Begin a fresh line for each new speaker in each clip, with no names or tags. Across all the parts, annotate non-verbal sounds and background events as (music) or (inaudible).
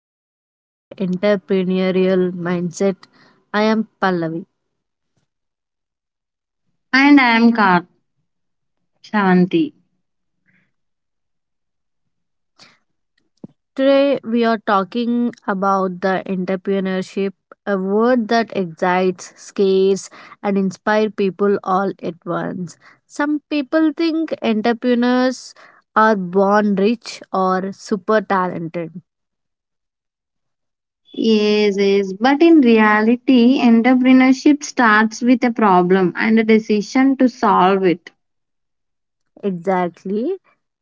episode of The Entrepreneurial Mindset. I am Pallavi.
And I am Kat, Shavanti.
Today we are talking about the entrepreneurship, a word that excites, scares and inspires people all at once. Some people think entrepreneurs are born rich or super talented.
Yes, yes. But in reality, entrepreneurship starts with a problem and a decision to solve it.
Exactly.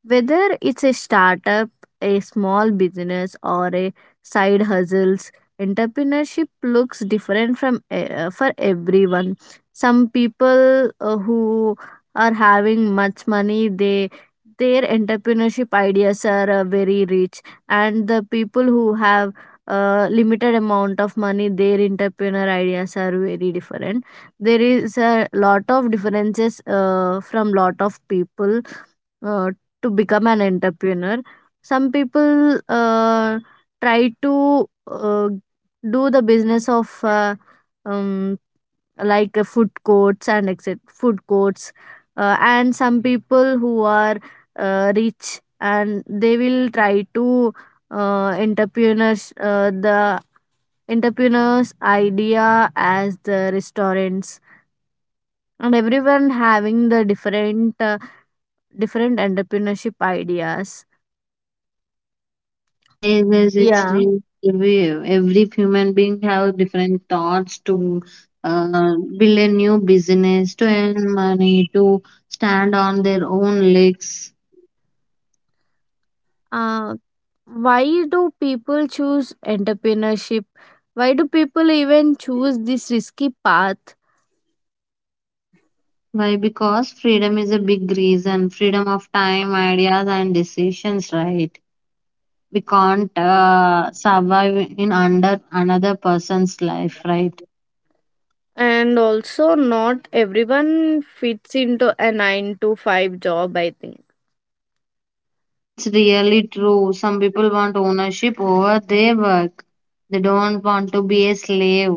Whether it's a startup, a small business, or a side hustles, entrepreneurship looks different for everyone. Some people who are having much money, they their entrepreneurship ideas are very rich, and the people who have limited amount of money, their entrepreneur ideas are very different. There is a lot of differences from lot of people uh, to become an entrepreneur. Some people try to do the business of um, like food courts and exit food courts. And some people who are rich and they will try to entrepreneurs the entrepreneurs idea as the restaurants. And everyone having the different entrepreneurship ideas.
Yes, yes, it's
Yeah.
real. Every human being have different thoughts to build a new business, to earn money, to stand on their own legs.
uh, why do people choose entrepreneurship? Why do people even choose this risky path?
Why? Because freedom is a big reason. Freedom of time, ideas, and decisions, right? We can't survive in under another person's life, right?
And also not everyone fits into a 9 to 5 job, I think.
It's really true. Some people want ownership over their work. They don't want to be a slave.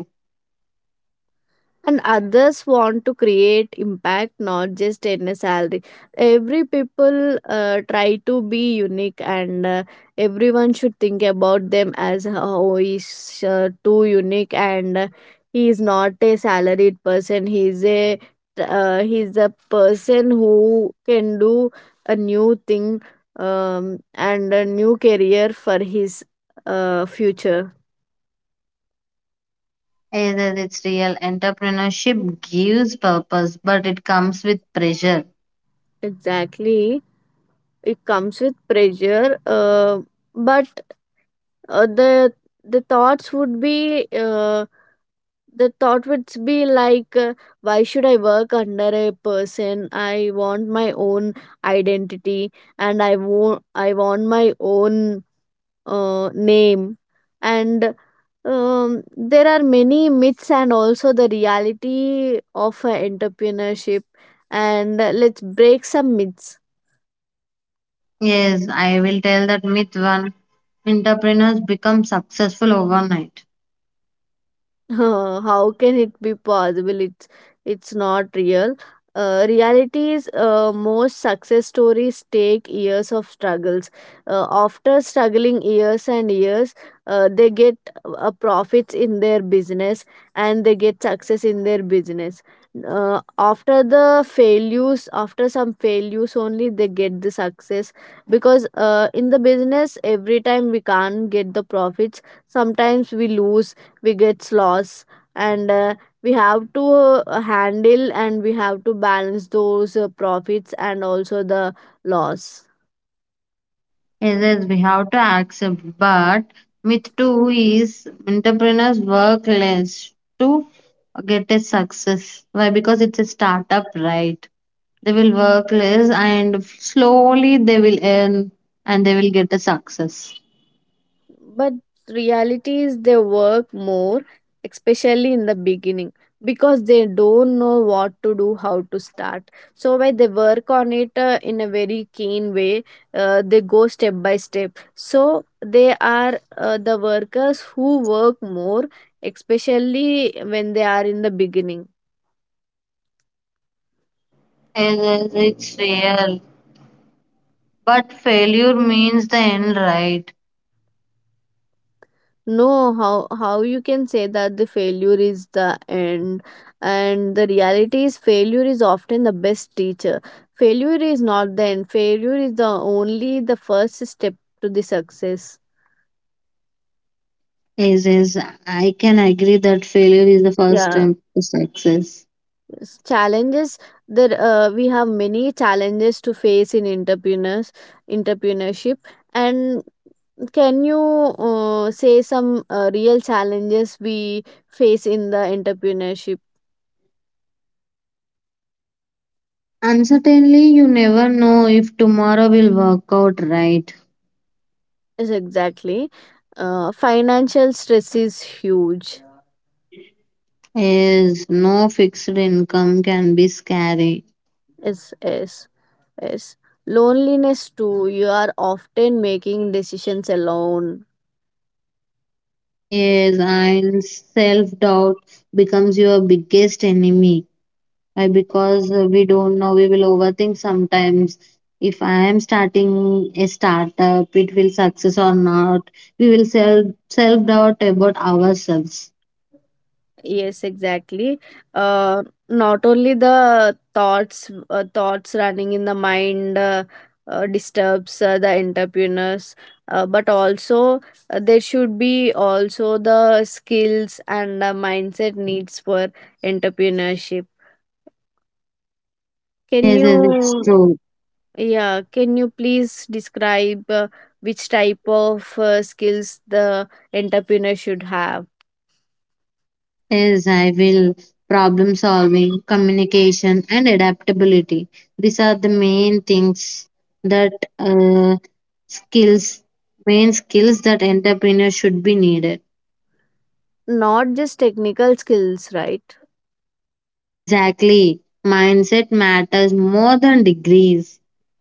And others want to create impact, not just in a salary. Every people try to be unique, and everyone should think about them as, oh, he's too unique, and he is not a salaried person. He's a person who can do a new thing, and a new career for his future.
Either it's real, entrepreneurship gives purpose, but it comes with pressure.
Exactly. It comes with pressure, but uh, the the thoughts would be, the thought would be like, why should I work under a person? I want my own identity, and I want my own name. And there are many myths and also the reality of entrepreneurship, and let's break some myths.
Yes, I will tell that myth one: entrepreneurs become successful overnight.
(laughs) Huh, how can it be possible? It's not real. Reality is most success stories take years of struggles. After struggling years and years, they get profits in their business, and they get success in their business. After the failures, after some failures only, they get the success because in the business, every time we can't get the profits. Sometimes we lose, we get loss, and we have to handle and we have to balance those profits and also the loss.
Yes, yes, we have to accept. But myth two is entrepreneurs work less to get a success. Why? Because it's a startup, right? They will work less and slowly they will earn and they will get a success.
But reality is they work more, especially in the beginning, because they don't know what to do, how to start. So when they work on it in a very keen way, they go step by step. So they are the workers who work more, especially when they are in the beginning.
Yes, yes, it's real. But failure means the end, right?
No, how you can say that the failure is the end? And the reality is failure is often the best teacher. Failure is not the end. Failure is the only the first step to the success.
Yes, yes, I can agree that failure is the first
Yeah.
step to success.
s- challenges there We have many challenges to face in entrepreneurship. And can you say some real challenges we face in the entrepreneurship?
And certainly, you never know if tomorrow will work out, right.
Yes, exactly. Financial stress is huge.
Yes, no fixed income can be scary.
Yes, yes, yes. Loneliness too. You are often making decisions alone.
Yes, and self-doubt becomes your biggest enemy. Why? Because we don't know, we will overthink sometimes. If I am starting a startup, it will success or not. We will self-doubt about ourselves.
Yes, exactly. Uh, Not only the thoughts running in the mind disturbs the entrepreneurs, but also there should be also the skills and the mindset needs for entrepreneurship. Can
Yes, yes, it's
you
true.
Yeah, can you please describe which type of skills the entrepreneur should have?
Is I will, problem solving, communication, and adaptability. These are the main things that uh, skills, main skills that entrepreneur should be needed.
Not just technical skills, right?
Exactly. Mindset matters more than degrees.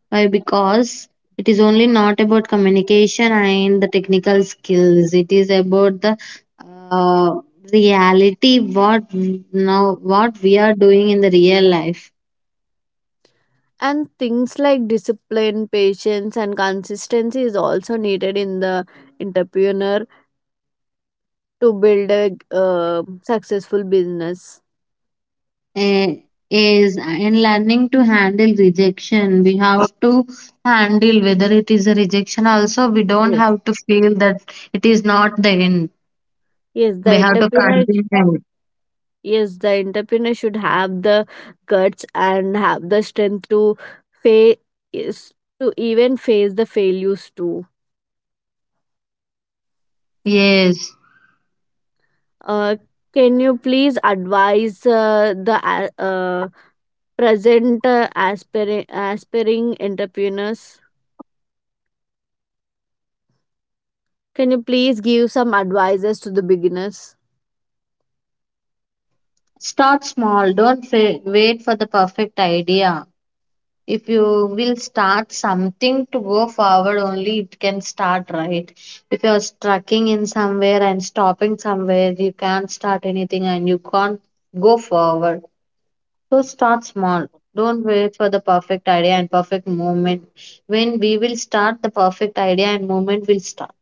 Why? Because it is only not about communication and the technical skills. It is about the uh, reality, what now what we are doing in the real life.
And things like discipline, patience, and consistency is also needed in the entrepreneur to build a successful business.
eh, is in learning to handle rejection, we have to handle whether it is a rejection also. We don't
Yes.
have to feel that it is not the end.
Yes,
We
the
have to
entrepreneur.
continue.
Yes, the entrepreneur should have the guts and have the strength face to even face the failures too.
Yes,
Uh, can you please advise the present aspiring entrepreneurs? Can you please give some advices to the beginners?
start small. Don't fa- wait for the perfect idea. If you will start something to go forward, only it can start, right? If you're strucking in somewhere and stopping somewhere, you can't start anything and you can't go forward. So start small. Don't wait for the perfect idea and perfect moment. When we will start, the perfect idea and moment will start.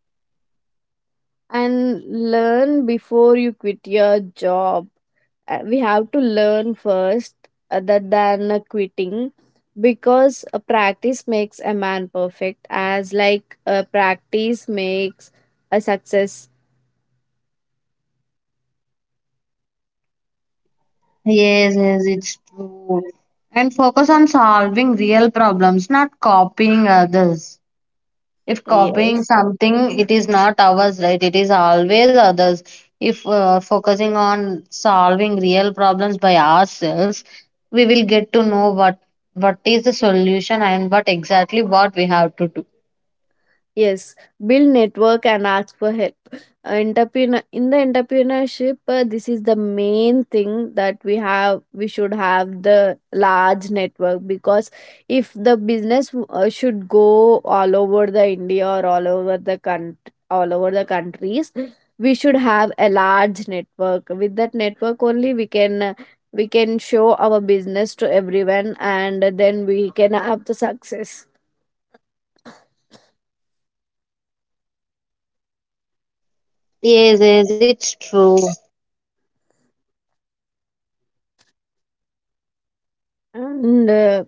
And learn before you quit your job. We have to learn first, other than quitting, because practice makes a man perfect, as like practice makes a success.
Yes, yes, it's true. And focus on solving real problems, not copying others. If copying
Yes.
something, it is not ours, right? It is always others. If focusing on solving real problems by ourselves, we will get to know what is the solution and what exactly what we have to do.
Yes, build network and ask for help. Entrepreneur in the entrepreneurship, this is the main thing that we have. We should have the large network because if the business should go all over the India or all over the country, all over the countries, we should have a large network. With that network only, we can show our business to everyone, and then we can have the success
Yes, yes, it's true.
and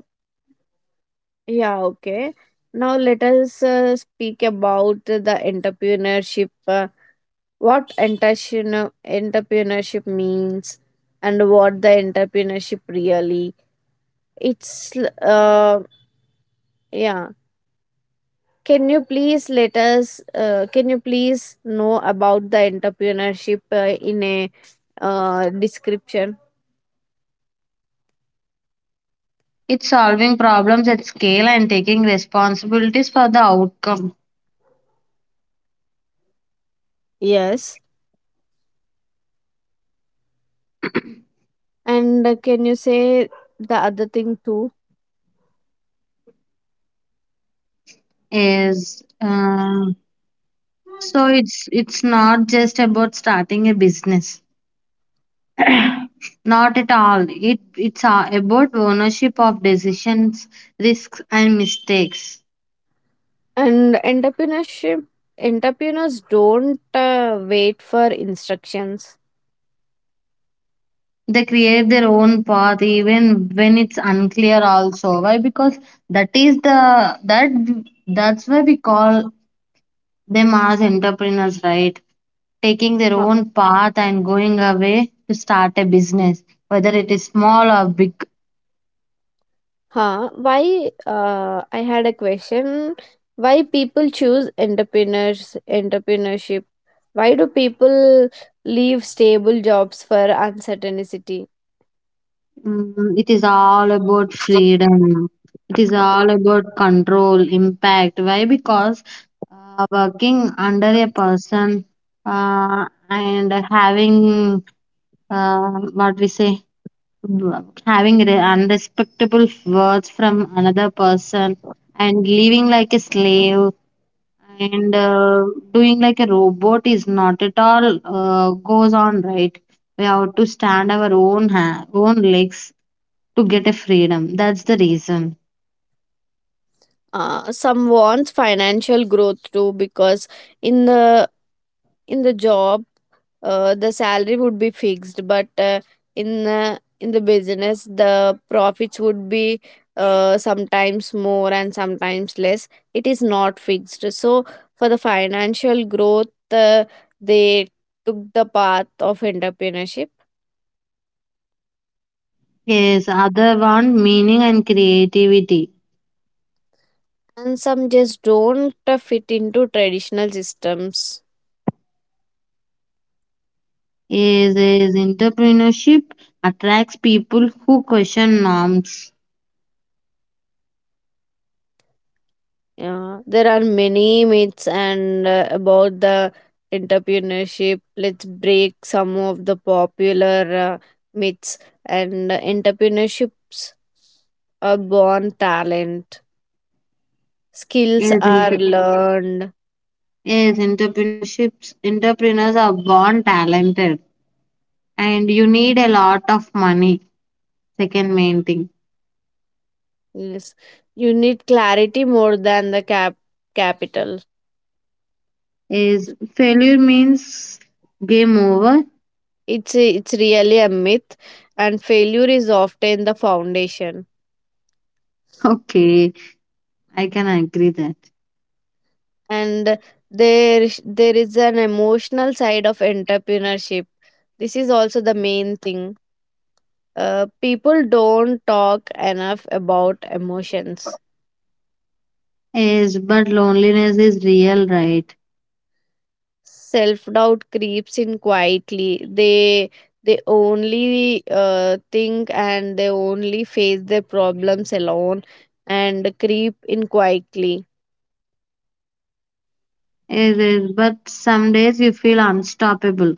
Yeah, okay. Now let us speak about the entrepreneurship. What entrepreneurship means, and what the entrepreneurship really. It's uh yeah. Can you please let us? Can you please know about the entrepreneurship in a description?
It's solving problems at scale and taking responsibilities for the outcome.
Yes. And can you say the other thing too?
Is so it's not just about starting a business. Not at all. It's about ownership of decisions, risks, and mistakes.
And entrepreneurs don't wait for instructions.
They create their own path even when it's unclear. Also, why? Because that is the that that's why we call them as entrepreneurs, right? Taking their
Huh.
own path and going away to start a business, whether it is small or big.
Huh. Why? I had a question. Why people choose entrepreneurship? Why do people leave stable jobs for uncertainty?
Mm, it is all about freedom. It is all about control, impact. Why? Because working under a person and having uh, what we say, having unrespectable words from another person and living like a slave and doing like a robot is not at all goes on, right? We have to stand our own legs to get a freedom. That's the reason.
Some wants financial growth too, because in the in the job, the salary would be fixed, but in the business the profits would be sometimes more and sometimes less, it is not fixed. So for the financial growth, they took the path of entrepreneurship.
Yes, other one, meaning and creativity.
And some just don't fit into traditional systems.
Is Entrepreneurship attracts people who question norms.
Yeah, there are many myths and about the entrepreneurship. Let's break some of the popular myths, and entrepreneurships are born talent. Skills
Is
are,
inter-
mhm, learned.
is entrepreneurships Entrepreneurs are born talented and you need a lot of money, second main thing.
Yes, you need clarity more than the capital.
Is Failure means game over.
It's really a myth, and failure is often the foundation.
(laughs) Okay, I can agree that.
And there is an emotional side of entrepreneurship. This is also the main thing. People don't talk enough about emotions.
Is But loneliness is real, right?
Self doubt creeps in quietly, they only think, and they only face their problems alone and creep in quietly.
It is. But some days you feel unstoppable,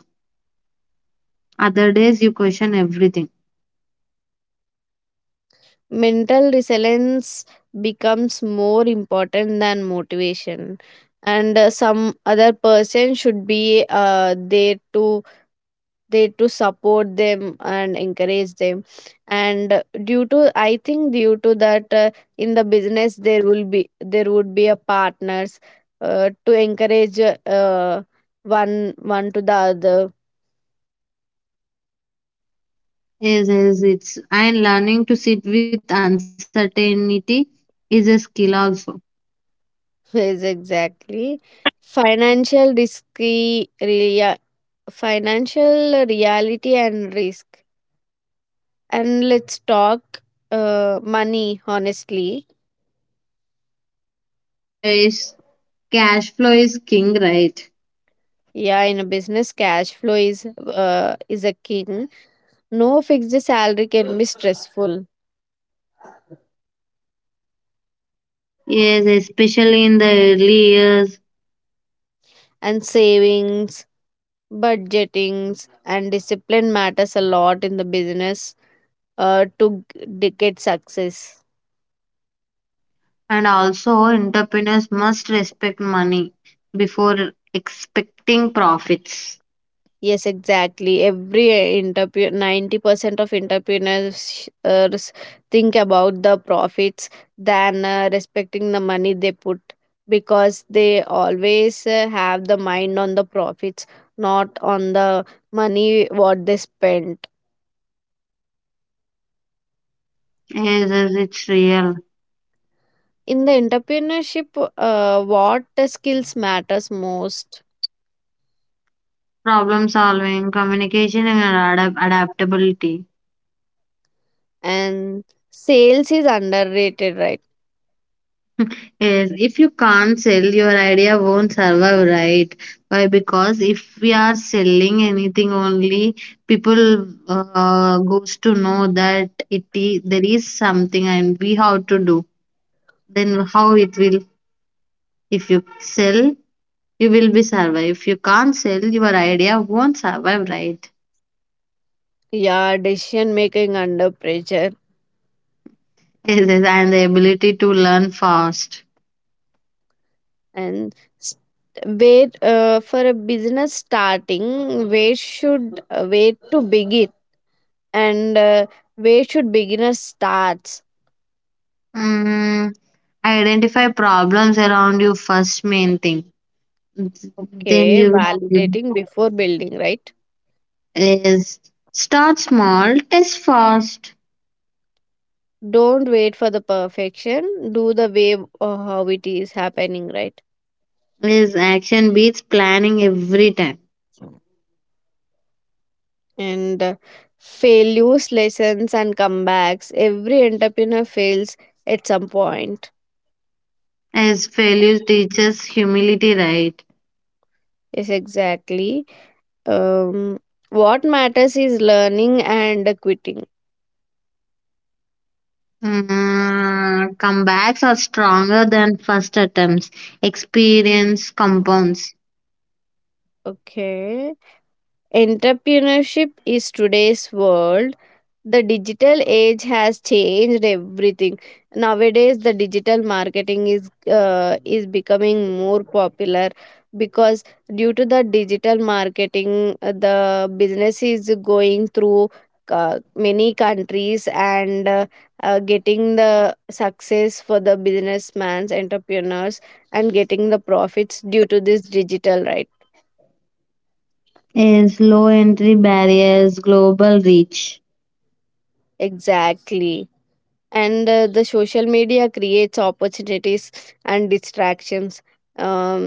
other days you question everything.
Mental resilience becomes more important than motivation. And some other person should be there to support them and encourage them. And due to, I think, due to that, in the business there would be a partners to encourage one to the other.
Is is it's and learning to sit with uncertainty is a skill also.
(laughs) Is exactly. financial risky Financial reality and risk. And let's talk money honestly.
Is Cash flow is king, right?
Yeah, in a business cash flow is a king. No fixed salary can be stressful.
Yes, especially in the early years.
And savings, budgetings, and discipline matters a lot in the business to get success.
And also, entrepreneurs must respect money before expecting profits.
Yes, exactly. Every entrepreneur, 90% of entrepreneurs think about the profits than respecting the money they put, because they always have the mind on the profits, not on the money what they spent.
Yes, yes, it's real.
In the entrepreneurship, what skills matters most?
Problem solving, communication, and adaptability. (laughs)
And sales is underrated, right?
Yes, if you can't sell, your idea won't survive, right? Why? Because if we are selling anything only, people goes to know that it is, there is something and we have to do. Then how it will, if you sell you will be survive. If you can't sell, your idea won't survive, right?
Yeah, decision making under pressure.
Yes, yes, and the ability to learn fast.
And s- where, for a business starting, where to begin? And where should beginner starts?
Mm, identify problems around you, first main thing. Then
Okay,
you
validating before building, right?
is start small, test fast.
Don't wait for the perfection. Do the way how it is happening, right?
Is action beats planning every time.
And failures, lessons and comebacks. Every entrepreneur fails at some point.
As failure teaches humility, right?
Yes, exactly. um, what matters is learning and quitting.
Mm, comebacks are stronger than first attempts. Experience compounds.
Okay. Entrepreneurship is today's world. The digital age has changed everything. Nowadays, the digital marketing is becoming more popular because due to the digital marketing, the business is going through many countries, and getting the success for the businessman's entrepreneurs and getting the profits due to this digital, right?
Is low entry barriers, global reach.
Exactly. And the social media creates opportunities and distractions. um,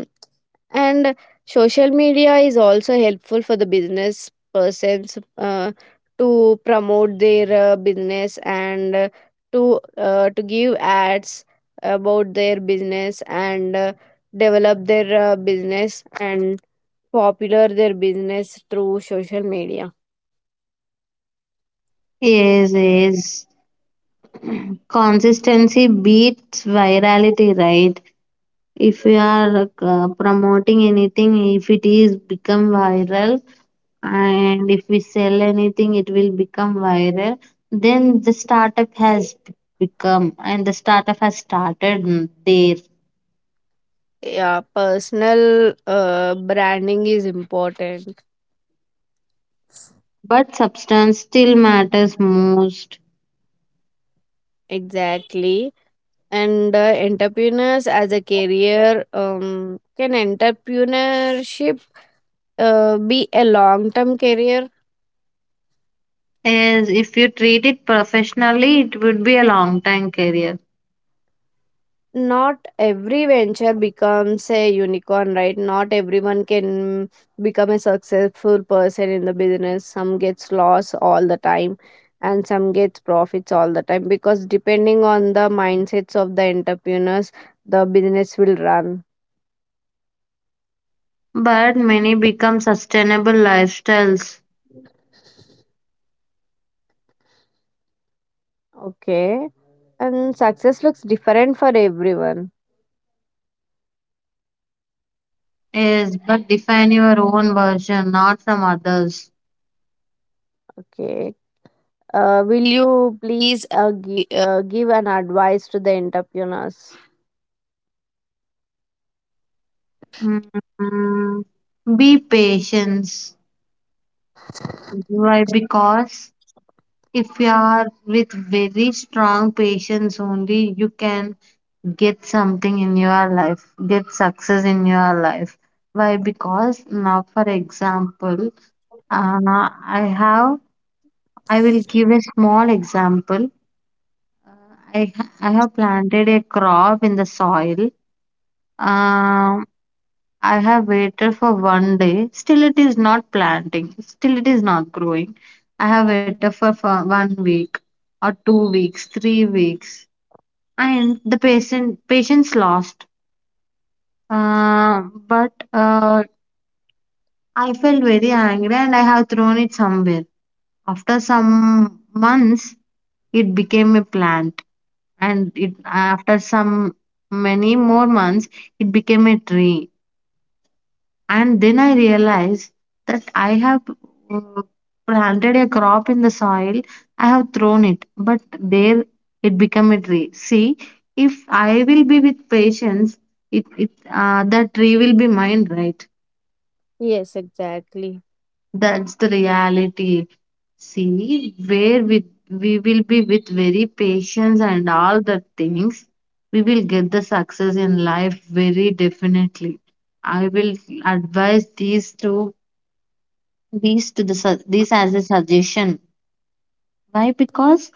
and social media is also helpful for the business persons to promote their business, and to give ads about their business, and develop their business, and popular their business through social media.
Yes, yes. Consistency beats virality, right? If you are promoting anything, if it is become viral, and if we sell anything, it will become viral. Then the startup has become, and the startup has started there.
Yeah, personal branding is important.
But substance still matters most.
Exactly. And entrepreneurs as a career, can entrepreneurship be a long term career?
As if you treat it professionally, it would be a long time career.
Not every venture becomes a unicorn, right? Not everyone can become a successful person in the business. Some gets loss all the time and some gets profits all the time because depending on the mindsets of the entrepreneurs, the business will run.
But many become sustainable lifestyles.
Okay. And success looks different for everyone.
Yes, but define your own version, not from others.
Okay. Will you please give an advice to the entrepreneurs?
Mm, be patient. Why? Because if you are with very strong patience only, you can get something in your life, get success in your life. Why? Because now, for example, uh, I have, I will give a small example. I have planted a crop in the soil. Um, I have waited for 1 day. Still, it is not planting. Still, it is not growing. I have waited for 1 week or 2 weeks, 3 weeks, and the patient patience lost. Uh, but I felt very angry, and I have thrown it somewhere. After some months, it became a plant. And it after some many more months it became a tree. And then I realized that I have uh, planted a crop in the soil. I have thrown it, but there it became a tree. See, if I will be with patience, it that tree will be mine, right?
Yes, exactly.
That's the reality. See, where with we will be with very patience and all the things, we will get the success in life very definitely. I will advise these to the su- these as a suggestion. Why? Because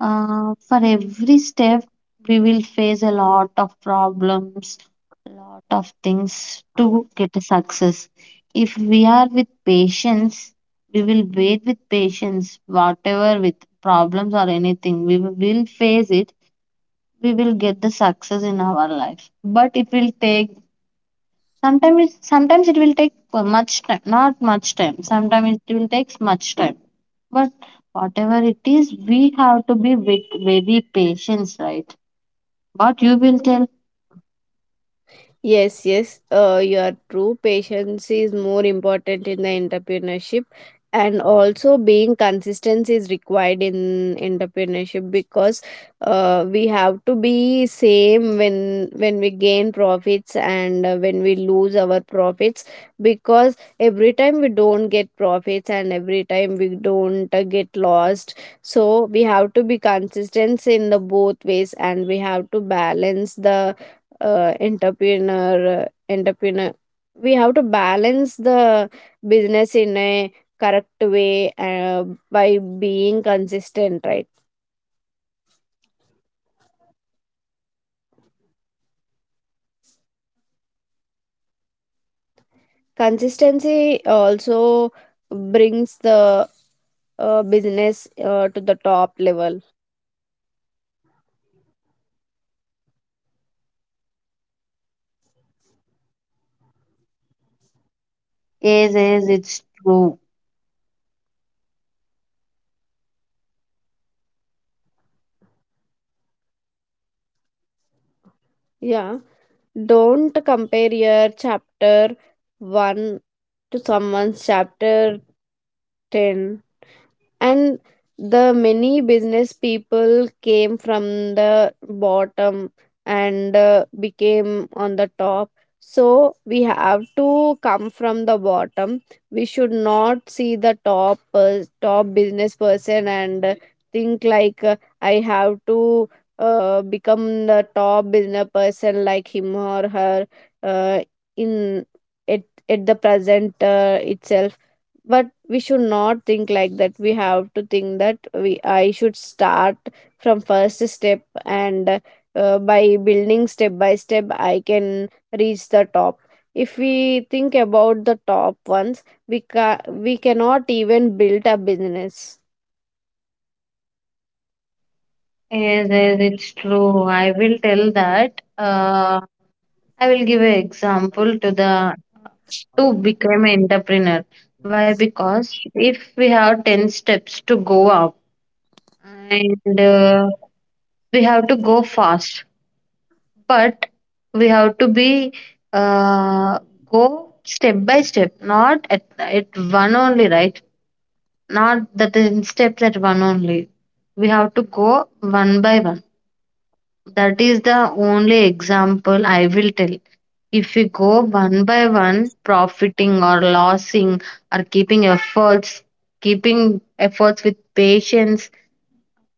for every step, we will face a lot of problems, a lot of things to get a success. If we are with patience, we will wait with patience, whatever with problems or anything, we will face it, we will get the success in our life. But it will take sometimes it will take much time not much time sometimes it will take much time. But whatever it is, we have to be with very patience, right? What you will tell?
Yes, yes, you are true. Patience is more important in the entrepreneurship, and also being consistent is required in entrepreneurship because we have to be same when we gain profits, and when we lose our profits. Because every time we don't get profits and every time we don't get lost. So we have to be consistent in the both ways, and we have to balance the uh, entrepreneur uh, entrepreneur we have to balance the business in a correct way by being consistent, right? Consistency also brings the business to the top level.
Is It's true.
Yeah, don't compare your chapter 1 to someone's chapter 10. And the many business people came from the bottom and became on the top. So we have to come from the bottom. We should not see the top business person and think like, I have to become the top business person like him or her, uh, in at, at the present itself. But we should not think like that. We have to think that we I should start from first step, and by building step by step I can reach the top. If we think about the top ones, we cannot even build a business.
Is it's True. I will tell that I will give an example to the to become an entrepreneur. Why? Because if we have 10 steps to go up and we have to go fast. But we have to be uh, go step by step, not at one only, right? Not that in steps at one only. We have to go one by one. That is the only example I will tell. If we go one by one, profiting or losing or keeping efforts with patience,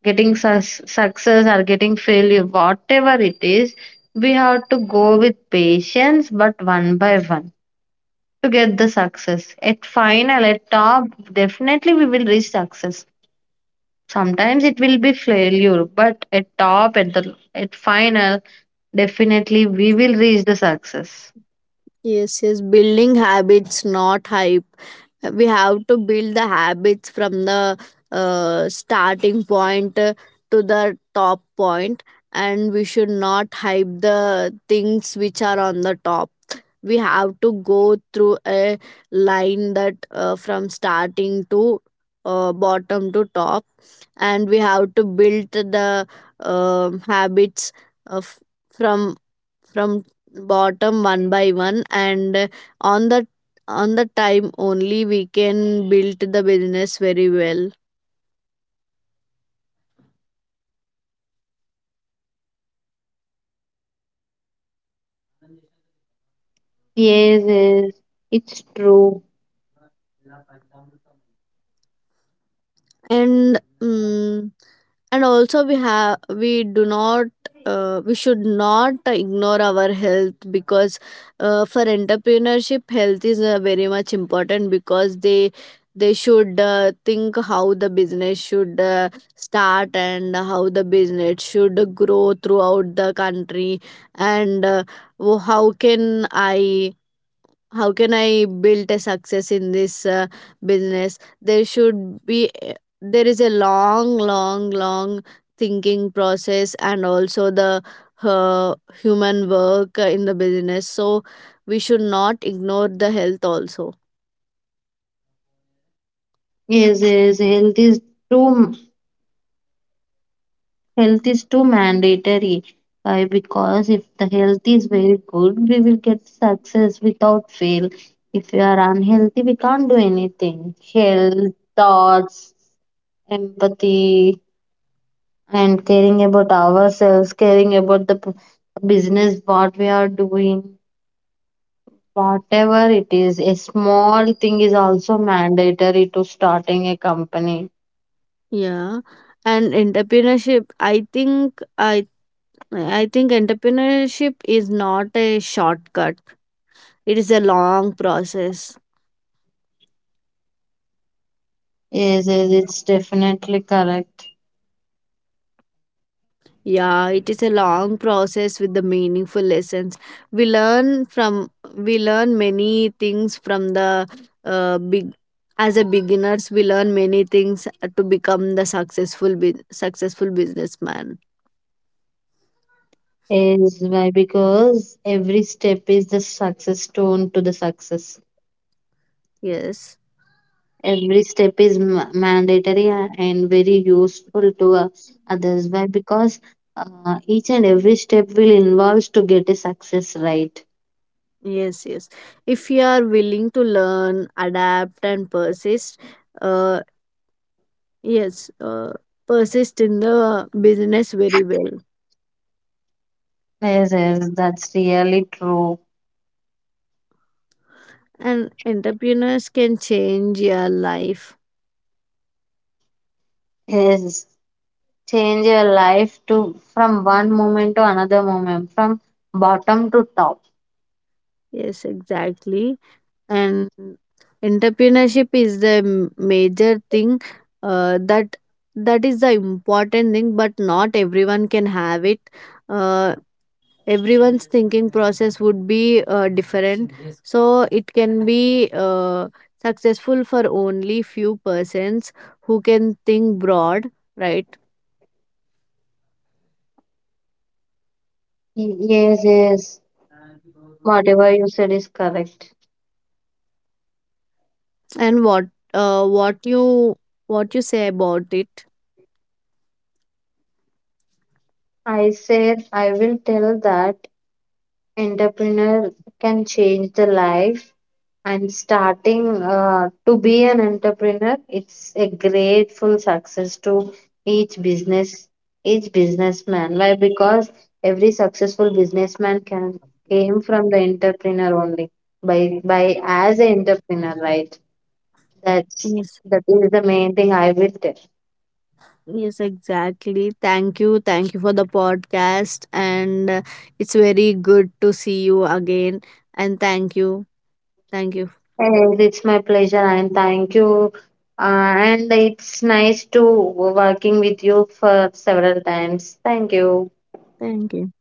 getting success or getting failure, whatever it is, we have to go with patience, but one by one to get the success. At final, at top, definitely we will reach success. Sometimes it will be failure, but at top, at final, definitely we will reach the success.
Yes, yes, building habits, not hype. We have to build the habits from the starting point to the top point, and we should not hype the things which are on the top. We have to go through a line that, from starting to bottom to top, and we have to build the habits of from from bottom one by one, and on the on the time only we can build the business very well.
Yes, yes, it's true.
And and also we do not we should not ignore our health, because for entrepreneurship health is very much important, because they should think how the business should start and how the business should grow throughout the country. And wo- how can i how can I build a success in this business. There should be eh, There is a long long long thinking process, and also the uh, human work in the business. So we should not ignore the health also.
Yes, yes, health is true. Health is too mandatory. Why? Because if the health is very good, we will get success without fail. If we are unhealthy, we can't do anything. Health, thoughts, empathy, and caring about ourselves, caring about the business, what we are doing, whatever it is, a small thing is also mandatory to starting a company.
Yeah, and entrepreneurship, I think entrepreneurship is not a shortcut. It is a long process.
Yes, yes, it's definitely correct.
Yeah, it is a long process with the meaningful lessons. We learn many things from the big, as a beginners we learn many things to become the successful successful businessman.
Is Why? Because every step is the success stone to the success.
Yes.
Every step is mandatory and very useful to others. Why? Because each and every step will involve to get a success, right.
Yes, yes. If you are willing to learn, adapt and persist, uh yes, persist in the business very well.
Yes, yes, that's really true.
And entrepreneurs can change your life.
Yes, change your life to from one moment to another moment, from bottom to top.
Yes, exactly. And entrepreneurship is the major thing, uh, that that is the important thing, but not everyone can have it. Uh, Everyone's thinking process would be different, so it can be successful for only few persons who can think broad, right?
Yes, yes, whatever you said is correct.
And uh, what you what you say about it?
I said I will tell that entrepreneur can change the life, and starting to be an entrepreneur, it's a grateful success to each business, each businessman. Why? Because every successful businessman can came from the entrepreneur only, by as an entrepreneur, right? that's
Yes.
that is the main thing I will tell.
Yes, exactly. Thank you. Thank you for the podcast. And it's very good to see you again. And thank you. Thank you.
And it's my pleasure and thank you. Uh, and it's nice to working with you for several times. Thank you.
Thank you.